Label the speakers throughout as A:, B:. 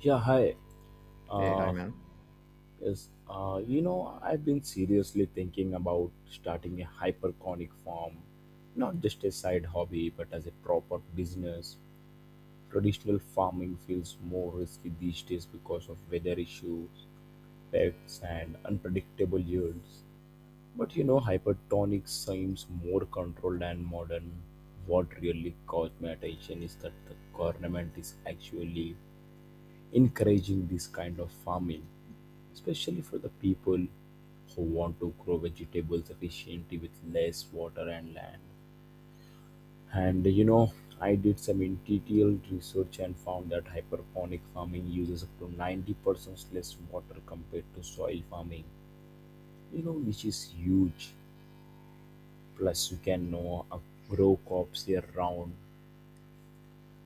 A: Yeah, hi.
B: Hey, hi,
A: Uh,
B: man.
A: yes, I've been seriously thinking about starting a hyperconic farm, not just a side hobby, but as a proper business. Traditional farming feels more risky these days because of weather issues, pests, and unpredictable yields. But hypertonic seems more controlled and modern. What really caught my attention is that the government is actually encouraging this kind of farming, especially for the people who want to grow vegetables efficiently with less water and land. And I did some interior research and found that hydroponic farming uses up to 90% less water compared to soil farming, which is huge. Plus, you can know, grow crops year round.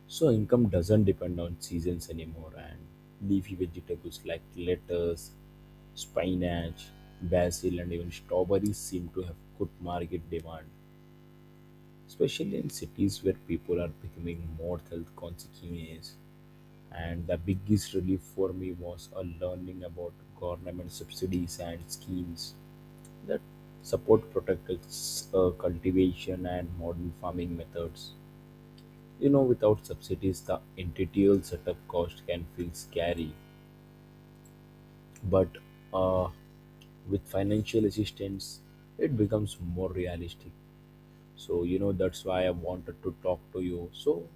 A: So income doesn't depend on seasons anymore, and leafy vegetables like lettuce, spinach, basil, and even strawberries seem to have good market demand, especially in cities where people are becoming more health conscious. And the biggest relief for me was a learning about government subsidies and schemes that support protected cultivation and modern farming methods. Without subsidies, the entity setup cost can feel scary, but uh, with financial assistance, it becomes more realistic. So, that's why I wanted to talk to you. So,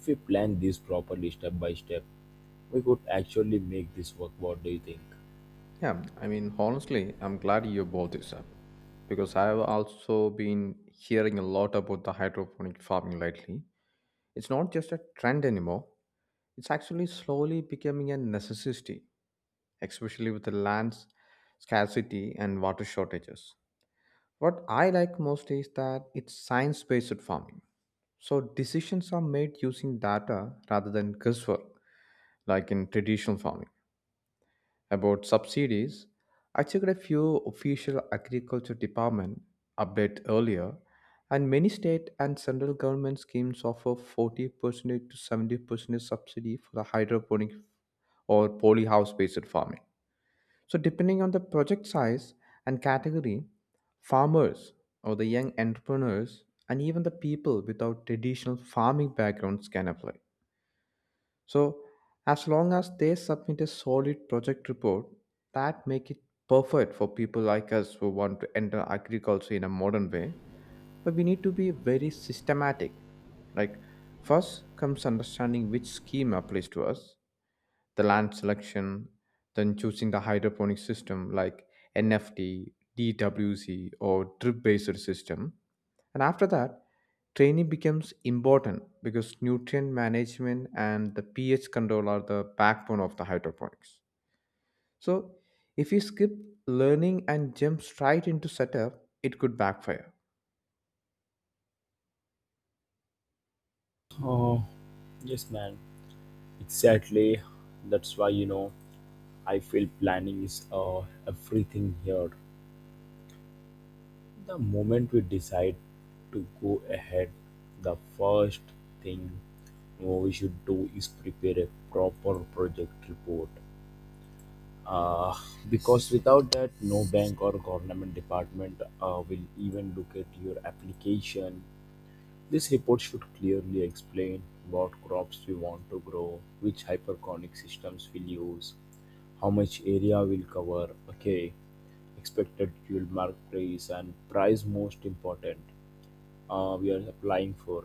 A: if we plan this properly step by step, we could actually make this work. What do you think?
B: Yeah, I mean, honestly, I'm glad you brought this up because I have also been hearing a lot about the hydroponic farming lately. It's not just a trend anymore, it's actually slowly becoming a necessity, especially with the land scarcity and water shortages. What I like most is that it's science based farming. So decisions are made using data rather than guesswork, like in traditional farming. About subsidies, I checked a few official agriculture department update earlier, and many state and central government schemes offer 40% to 70% subsidy for the hydroponic or polyhouse based farming. So, depending on the project size and category, farmers or the young entrepreneurs and even the people without traditional farming backgrounds can apply. So as long as they submit a solid project report, that make it perfect for people like us who want to enter agriculture in a modern way. But we need to be very systematic. Like first comes understanding which scheme applies to us, the land selection, then choosing the hydroponic system like NFT, DWC, or drip based system. And after that, training becomes important because nutrient management and the pH control are the backbone of the hydroponics. So, if you skip learning and jump straight into setup, it could backfire.
A: Oh, yes, man. Exactly. That's why, I feel planning is everything here. The moment we decide to go ahead, the first thing we should do is prepare a proper project report. Uh, because without that, no bank or government department will even look at your application. This report should clearly explain what crops we want to grow, which hyperconic systems we'll use, how much area we'll cover, okay, expected yield market price, and price most important we are applying for.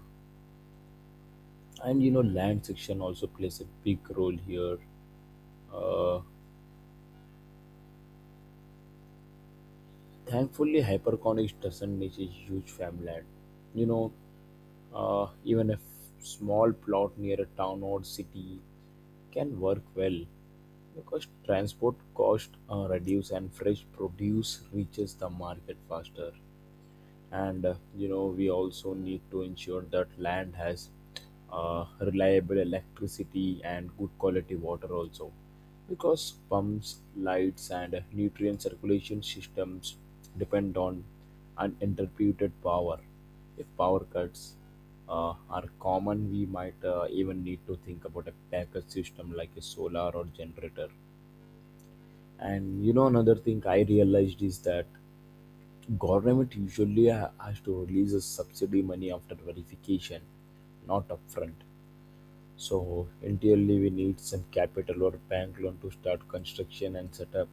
A: And land section also plays a big role here. uh, Thankfully, hyperconics doesn't need a huge farmland. you know Even a small plot near a town or city can work well because transport cost reduce and fresh produce reaches the market faster. And we also need to ensure that land has reliable electricity and good quality water also, because pumps, lights, and nutrient circulation systems depend on uninterrupted power. If power cuts are common, we might even need to think about a backup system like a solar or generator. And another thing I realized is that government usually has to release a subsidy money after verification, not upfront. So entirely we need some capital or bank loan to start construction and set up.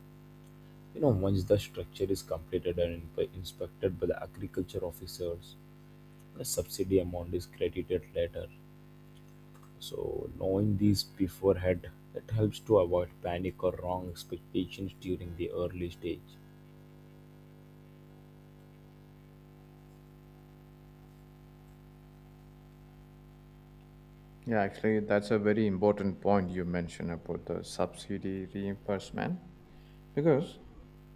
A: Once the structure is completed and inspected by the agriculture officers, the subsidy amount is credited later. So knowing these beforehand, that helps to avoid panic or wrong expectations during the early stage.
B: Yeah, actually, that's a very important point you mentioned about the subsidy reimbursement, because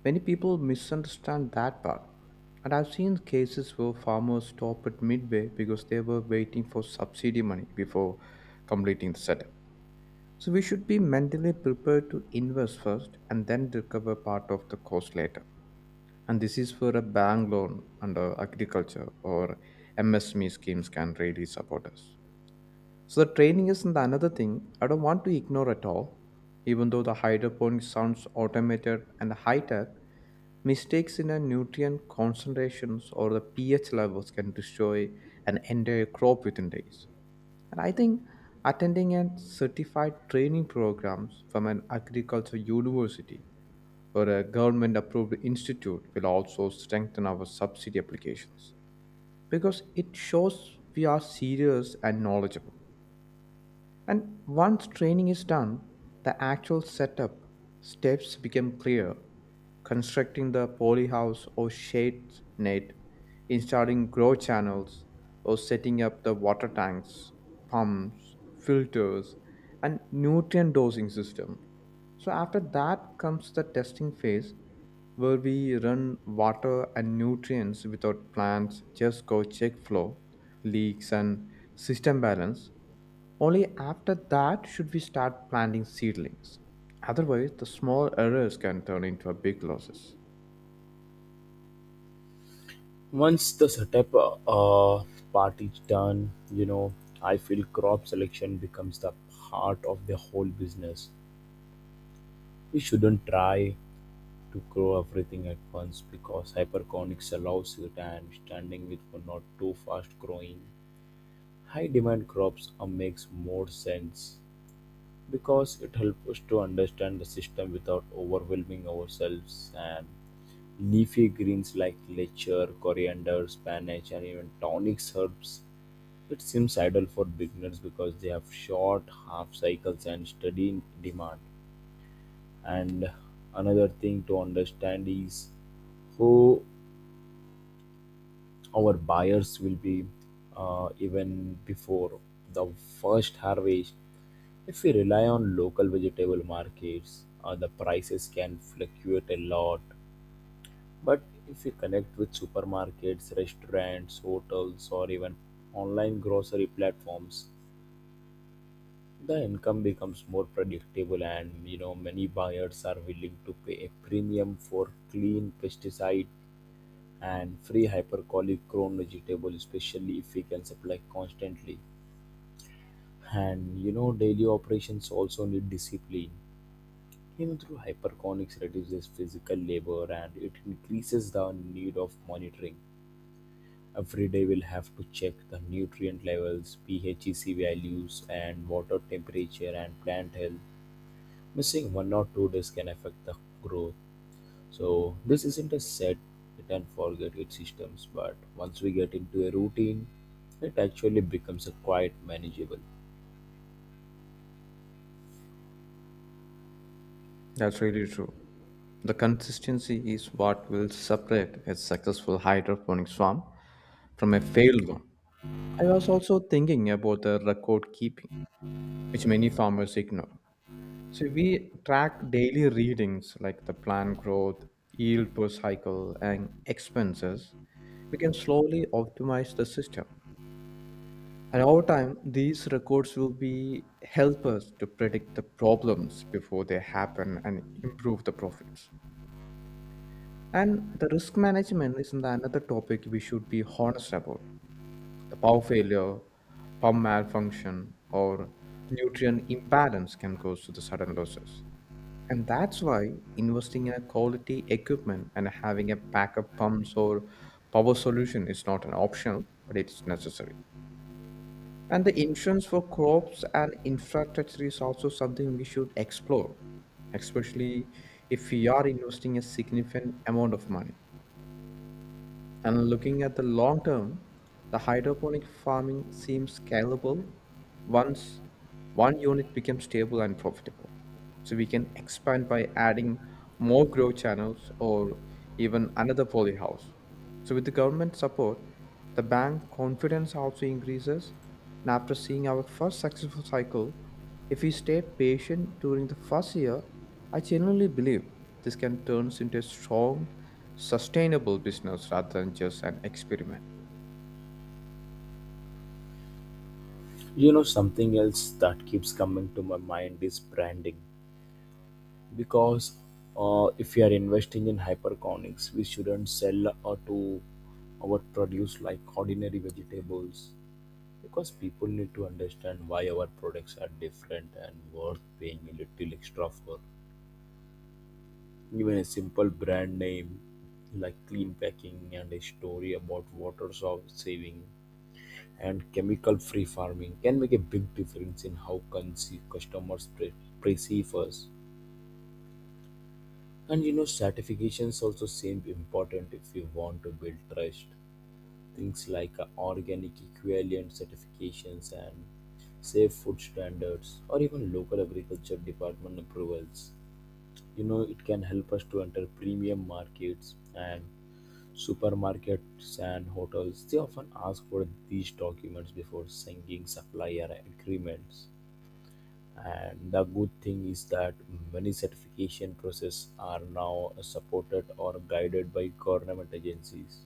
B: many people misunderstand that part. And I've seen cases where farmers stopped at midway because they were waiting for subsidy money before completing the setup. So we should be mentally prepared to invest first and then recover part of the cost later. And this is where a bank loan under agriculture or MSME schemes can really support us. So the training is the another thing I don't want to ignore at all. Even though the hydroponics sounds automated and high tech, mistakes in a nutrient concentrations or the pH levels can destroy an entire crop within days. And I think attending a certified training programs from an agriculture university or a government approved institute will also strengthen our subsidy applications because it shows we are serious and knowledgeable. And once training is done, the actual setup steps become clear. Constructing the polyhouse or shade net, installing grow channels, or setting up the water tanks, pumps, filters, and nutrient dosing system. So after that comes the testing phase where we run water and nutrients without plants, just go check flow, leaks and system balance only after that should we start planting seedlings. Otherwise, the small errors can turn into a big losses.
A: Once the setup part is done, I feel crop selection becomes the heart of the whole business. We shouldn't try to grow everything at once because hyperconics allows it and standing with for not too fast growing. High demand crops makes more sense because it helps us to understand the system without overwhelming ourselves, and leafy greens like lecher, coriander, spinach, and even tonic herbs. It seems ideal for beginners because they have short half cycles and steady demand. And another thing to understand is who our buyers will be, even before the first harvest. If we rely on local vegetable markets, the prices can fluctuate a lot. But if we connect with supermarkets, restaurants, hotels, or even online grocery platforms, the income becomes more predictable, and many buyers are willing to pay a premium for clean pesticide and free hypercolic grown vegetable, especially if we can supply constantly. And daily operations also need discipline. Through hyperconics reduces physical labor and it increases the need of monitoring. Every day we'll have to check the nutrient levels, phec values, and water temperature, and plant health. Missing 1 or 2 days can affect the growth. So this isn't a set it and forget it systems, but once we get into a routine, it actually becomes a quite manageable.
B: That's really true. The consistency is what will separate a successful hydroponics farm from a failed one. I was also thinking about the record keeping, which many farmers ignore. So we track daily readings like the plant growth, yield per cycle, and expenses. We can slowly optimize the system. And over time, these records will be help us to predict the problems before they happen and improve the profits. And the risk management is the another topic we should be honest about. The power failure, pump malfunction, or nutrient imbalance can cause the sudden losses. And that's why investing in a quality equipment and having a backup pumps or power solution is not an option, but it's necessary. And the insurance for crops and infrastructure is also something we should explore, especially if we are investing a significant amount of money. And looking at the long term, the hydroponic farming seems scalable once one unit becomes stable and profitable. So we can expand by adding more grow channels or even another polyhouse. So with the government support, the bank confidence also increases. And after seeing our first successful cycle, if we stay patient during the first year, I genuinely believe this can turn into a strong sustainable business rather than just an experiment.
A: You know something else that keeps coming to my mind is branding, because if we are investing in hyperconics, we shouldn't sell or to our produce like ordinary vegetables, because people need to understand why our products are different and worth paying a little extra for. Even a simple brand name like clean packing and a story about water saving and chemical free farming can make a big difference in how customers perceive us. And certifications also seem important if you want to build trust. Things like organic equivalent certifications and safe food standards, or even local agriculture department approvals. It can help us to enter premium markets, and supermarkets and hotels they often ask for these documents before signing supplier agreements. And the good thing is that many certification processes are now supported or guided by government agencies.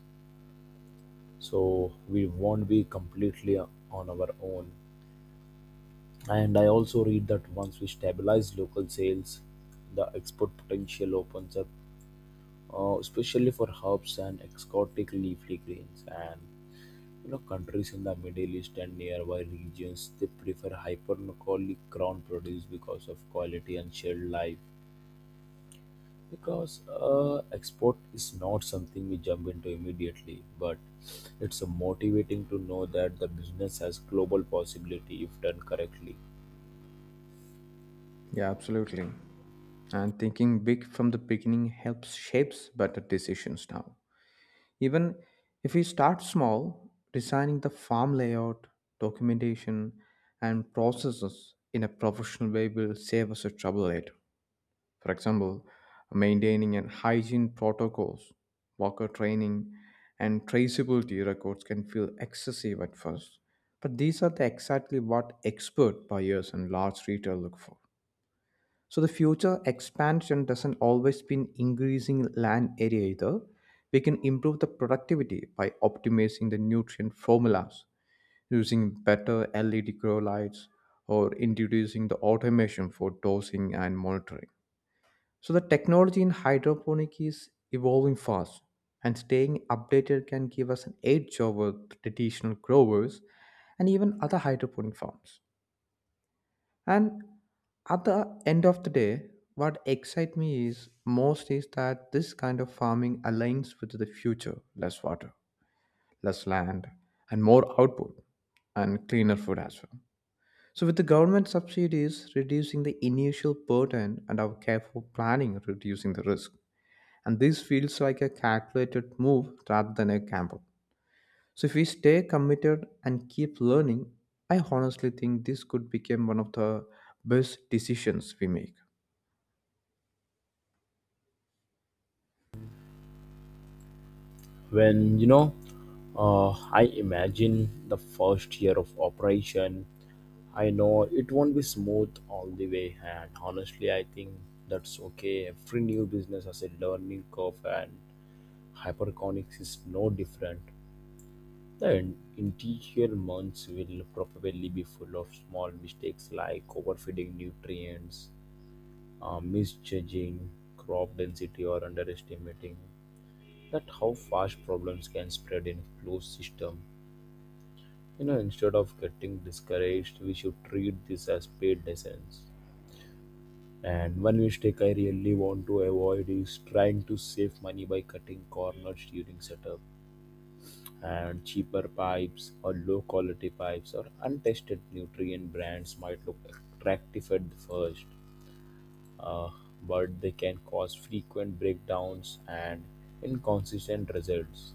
A: So we won't be completely on our own. And I also read that once we stabilize local sales, the export potential opens up, especially for herbs and exotic leafy greens. And countries in the Middle East and nearby regions they prefer hyperlocally ground produce because of quality and shared life. Because export is not something we jump into immediately, but it's motivating to know that the business has global possibility if done correctly.
B: Yeah, absolutely. And thinking big from the beginning helps shapes better decisions now. Even if we start small, designing the farm layout, documentation, and processes in a professional way will save us the trouble later. For example, maintaining an hygiene protocols, worker training, and traceability records can feel excessive at first. But these are the exactly what expert buyers and large retail look for. So the future expansion doesn't always mean increasing land area either. We can improve the productivity by optimizing the nutrient formulas, using better LED grow lights, or introducing the automation for dosing and monitoring. So the technology in hydroponic is evolving fast, and staying updated can give us an edge over traditional growers and even other hydroponic farms. And at the end of the day, what excites me is most is that this kind of farming aligns with the future: less water, less land, and more output, and cleaner food as well. So, with the government subsidies reducing the initial burden and our careful planning reducing the risk, and this feels like a calculated move rather than a gamble. So if we stay committed and keep learning, I honestly think this could become one of the best decisions we make.
A: When I imagine the first year of operation, I know it won't be smooth all the way, and honestly, I think that's okay. Every new business has a learning curve, and hyperconics is no different. The interior months will probably be full of small mistakes like overfeeding nutrients, misjudging crop density, or underestimating that how fast problems can spread in a closed system. Instead of getting discouraged, we should treat this as paid lessons. And one mistake I really want to avoid is trying to save money by cutting corners during setup, and cheaper pipes or low quality pipes or untested nutrient brands might look attractive at the first, uh, but they can cause frequent breakdowns and inconsistent results.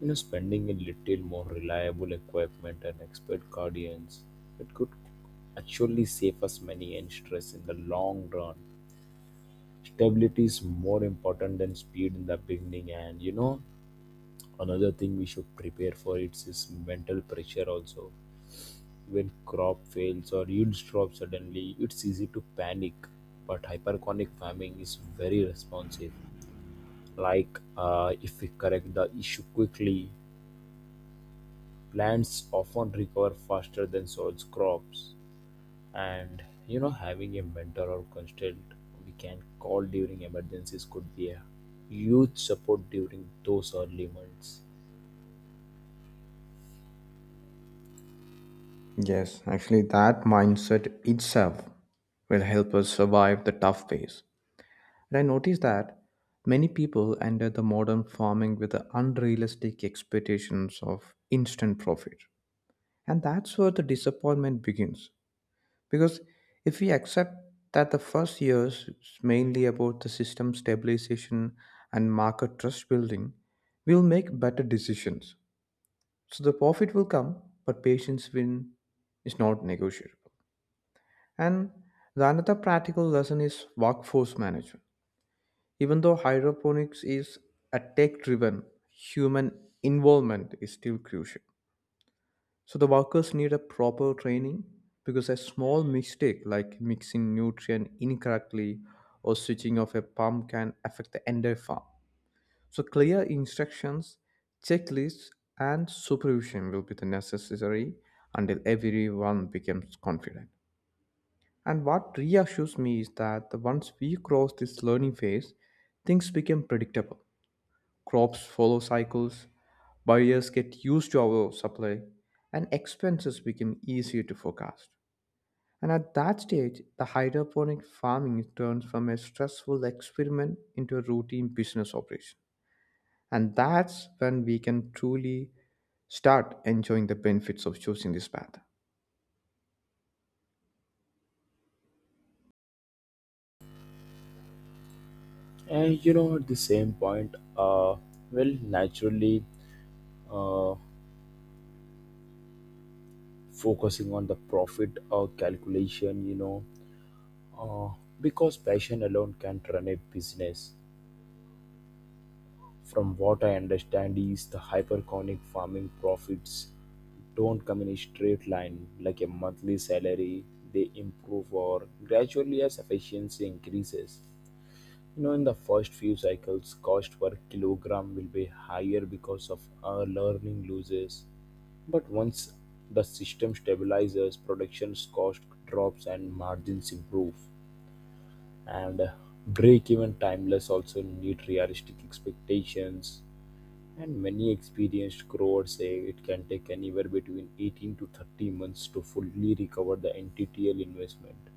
A: Spending a little more reliable equipment and expert guardians, it could actually save us money and stress in the long run. Stability is more important than speed in the beginning, and another thing we should prepare for it is mental pressure also. When crop fails or yields drop suddenly, it's easy to panic. But hyperconic farming is very responsive. Like if we correct the issue quickly, plants often recover faster than soils crops. And having a mentor or constant we can call during emergencies could be a huge support during those early months.
B: Yes, actually, that mindset itself will help us survive the tough phase. And I noticed that many people enter the modern farming with the unrealistic expectations of instant profit. And that's where the disappointment begins. Because if we accept that the first years is mainly about the system stabilization and market trust building, we'll make better decisions. So the profit will come, but patience win is not negotiable. And the another practical lesson is workforce management. Even though hydroponics is a tech driven, human involvement is still crucial. So the workers need a proper training because a small mistake like mixing nutrient incorrectly or switching off a pump can affect the entire farm. So clear instructions, checklists and supervision will be the necessary until everyone becomes confident. And what reassures me is that once we cross this learning phase, things become predictable crops follow cycles, buyers get used to our supply, and expenses become easier to forecast. And at that stage, the hydroponic farming turns from a stressful experiment into a routine business operation. And that's when we can truly start enjoying the benefits of choosing this path.
A: And at the same point, well, naturally, uh, focusing on the profit calculation, uh, because passion alone can't run a business. From what I understand is the hyperconic farming profits don't come in a straight line like a monthly salary. They improve or gradually as efficiency increases. In the first few cycles, cost per kilogram will be higher because of our learning losses. But once the system stabilizes, production's cost drops and margins improve. And break even timeless also need realistic expectations. And many experienced crowds say it can take anywhere between 18 to 30 months to fully recover the NTTL investment.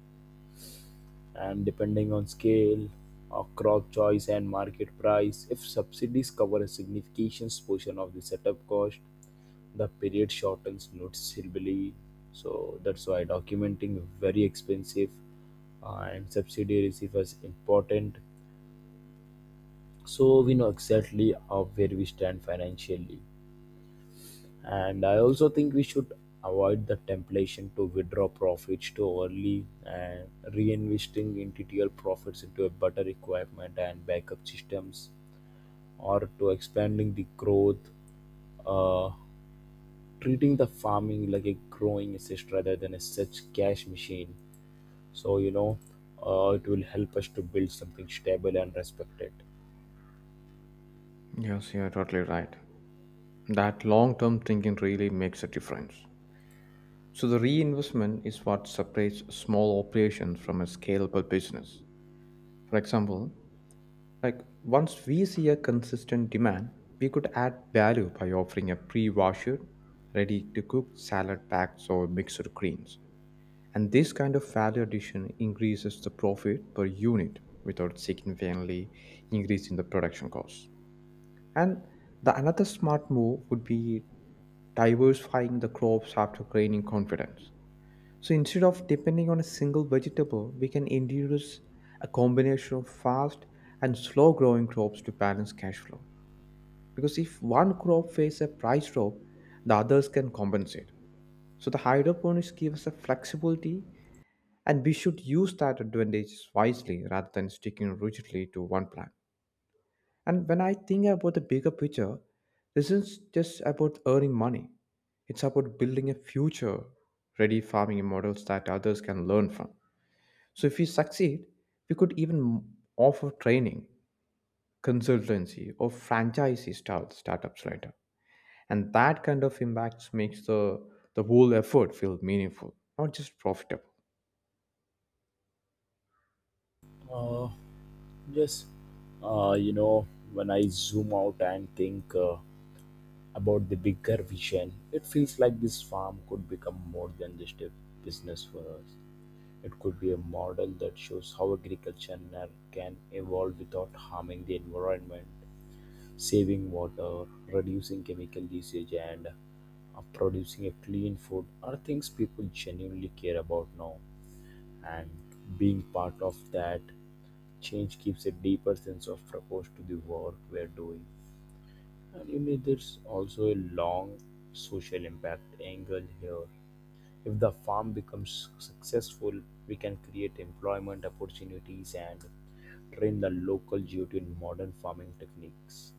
A: And depending on scale, crop choice, and market price, if subsidies cover a significant portion of the setup cost, the period shortens noticeably. So that's why documenting is very expensive and subsidy receive is important. So we know exactly where we stand financially. And I also think we should avoid the temptation to withdraw profits too early and reinvesting interior profits into a better equipment and backup systems, or to expanding the growth, uh, treating the farming like a growing assist rather than a such cash machine. So, it will help us to build something stable and respected.
B: Yes, you're totally right. That long term thinking really makes a difference. So, the reinvestment is what separates small operations from a scalable business. For example, like once we see a consistent demand, we could add value by offering a pre-washed, ready-to-cook salad packs or mixed greens. And this kind of value addition increases the profit per unit without significantly increasing the production costs. And the another smart move would be diversifying the crops after gaining confidence. So instead of depending on a single vegetable, we can introduce a combination of fast and slow growing crops to balance cash flow. Because if one crop faces a price drop, the others can compensate. So the hydroponics give us a flexibility and we should use that advantage wisely rather than sticking rigidly to one plan. And when I think about the bigger picture, this is just about earning money. It's about building a future ready farming models that others can learn from. So if we succeed, we could even offer training, consultancy, or startups later. And that kind of impact makes the whole effort feel meaningful, not just profitable.
A: Uh, yes, uh, you know, when I zoom out and think, about the bigger vision, it feels like this farm could become more than just a business for us. It could be a model that shows how agriculture can evolve without harming the environment, saving water, reducing chemical usage, and producing a clean food are things people genuinely care about now. And being part of that change gives a deeper sense of purpose to the work we're doing. And there's also a long social impact angle here. If the farm becomes successful, we can create employment opportunities and train the local youth in modern farming techniques.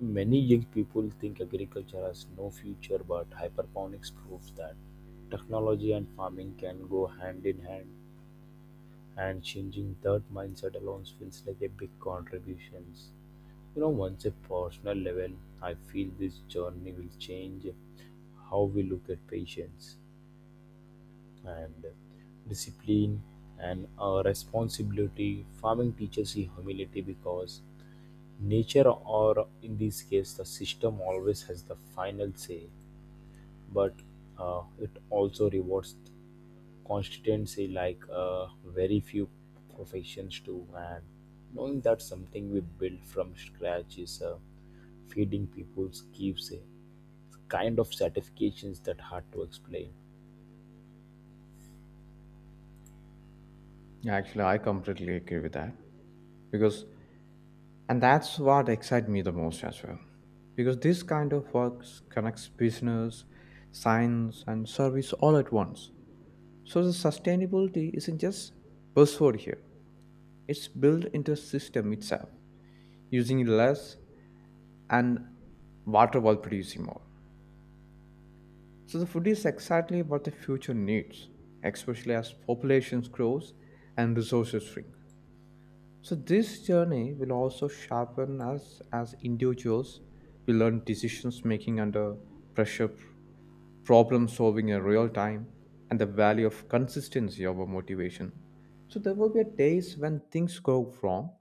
A: Many young people think agriculture has no future, but hyperponics proves that technology and farming can go hand in hand, and changing that mindset alone feels like a big contribution. Once a personal level, I feel this journey will change how we look at patience and discipline and responsibility. Farming teaches you humility because nature, or in this case, the system, always has the final say, but it also rewards consistency like very few professions do, and knowing that something we build from scratch is feeding people's keeps a kind of satisfactions that hard to explain.
B: Yeah, actually, I completely agree with that because, and that's what excites me the most as well. Because this kind of work connects business, science, and service all at once. So the sustainability isn't just buzzword here; it's built into the system itself, using less and water while producing more. So the food is exactly what the future needs, especially as populations grows and resources shrink. So this journey will also sharpen us as individuals. We learn decisions making under pressure problem solving in real time, and the value of consistency over motivation. So there will be days when things go wrong,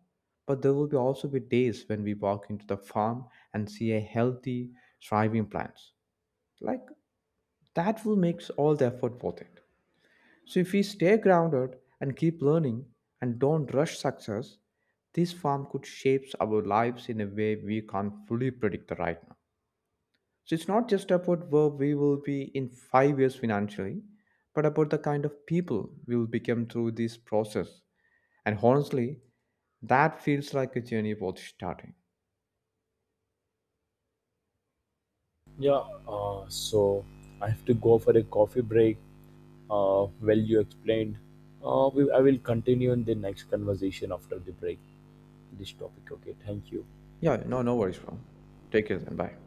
B: but there will be also be days when we walk into the farm and see a healthy, thriving plants. Like that will make all the effort worth it. So if we stay grounded and keep learning and don't rush success, this farm could shape our lives in a way we can't fully predict right now. So it's not just about where we will be in 5 years financially, but about the kind of people we will become through this process. And honestly, that feels like a journey worth starting.
A: Yeah, so I have to go for a coffee break. Well, you explained. I will continue in the next conversation after the break this topic. Okay, thank you.
B: Yeah, no, no worries, bro. Take care and bye.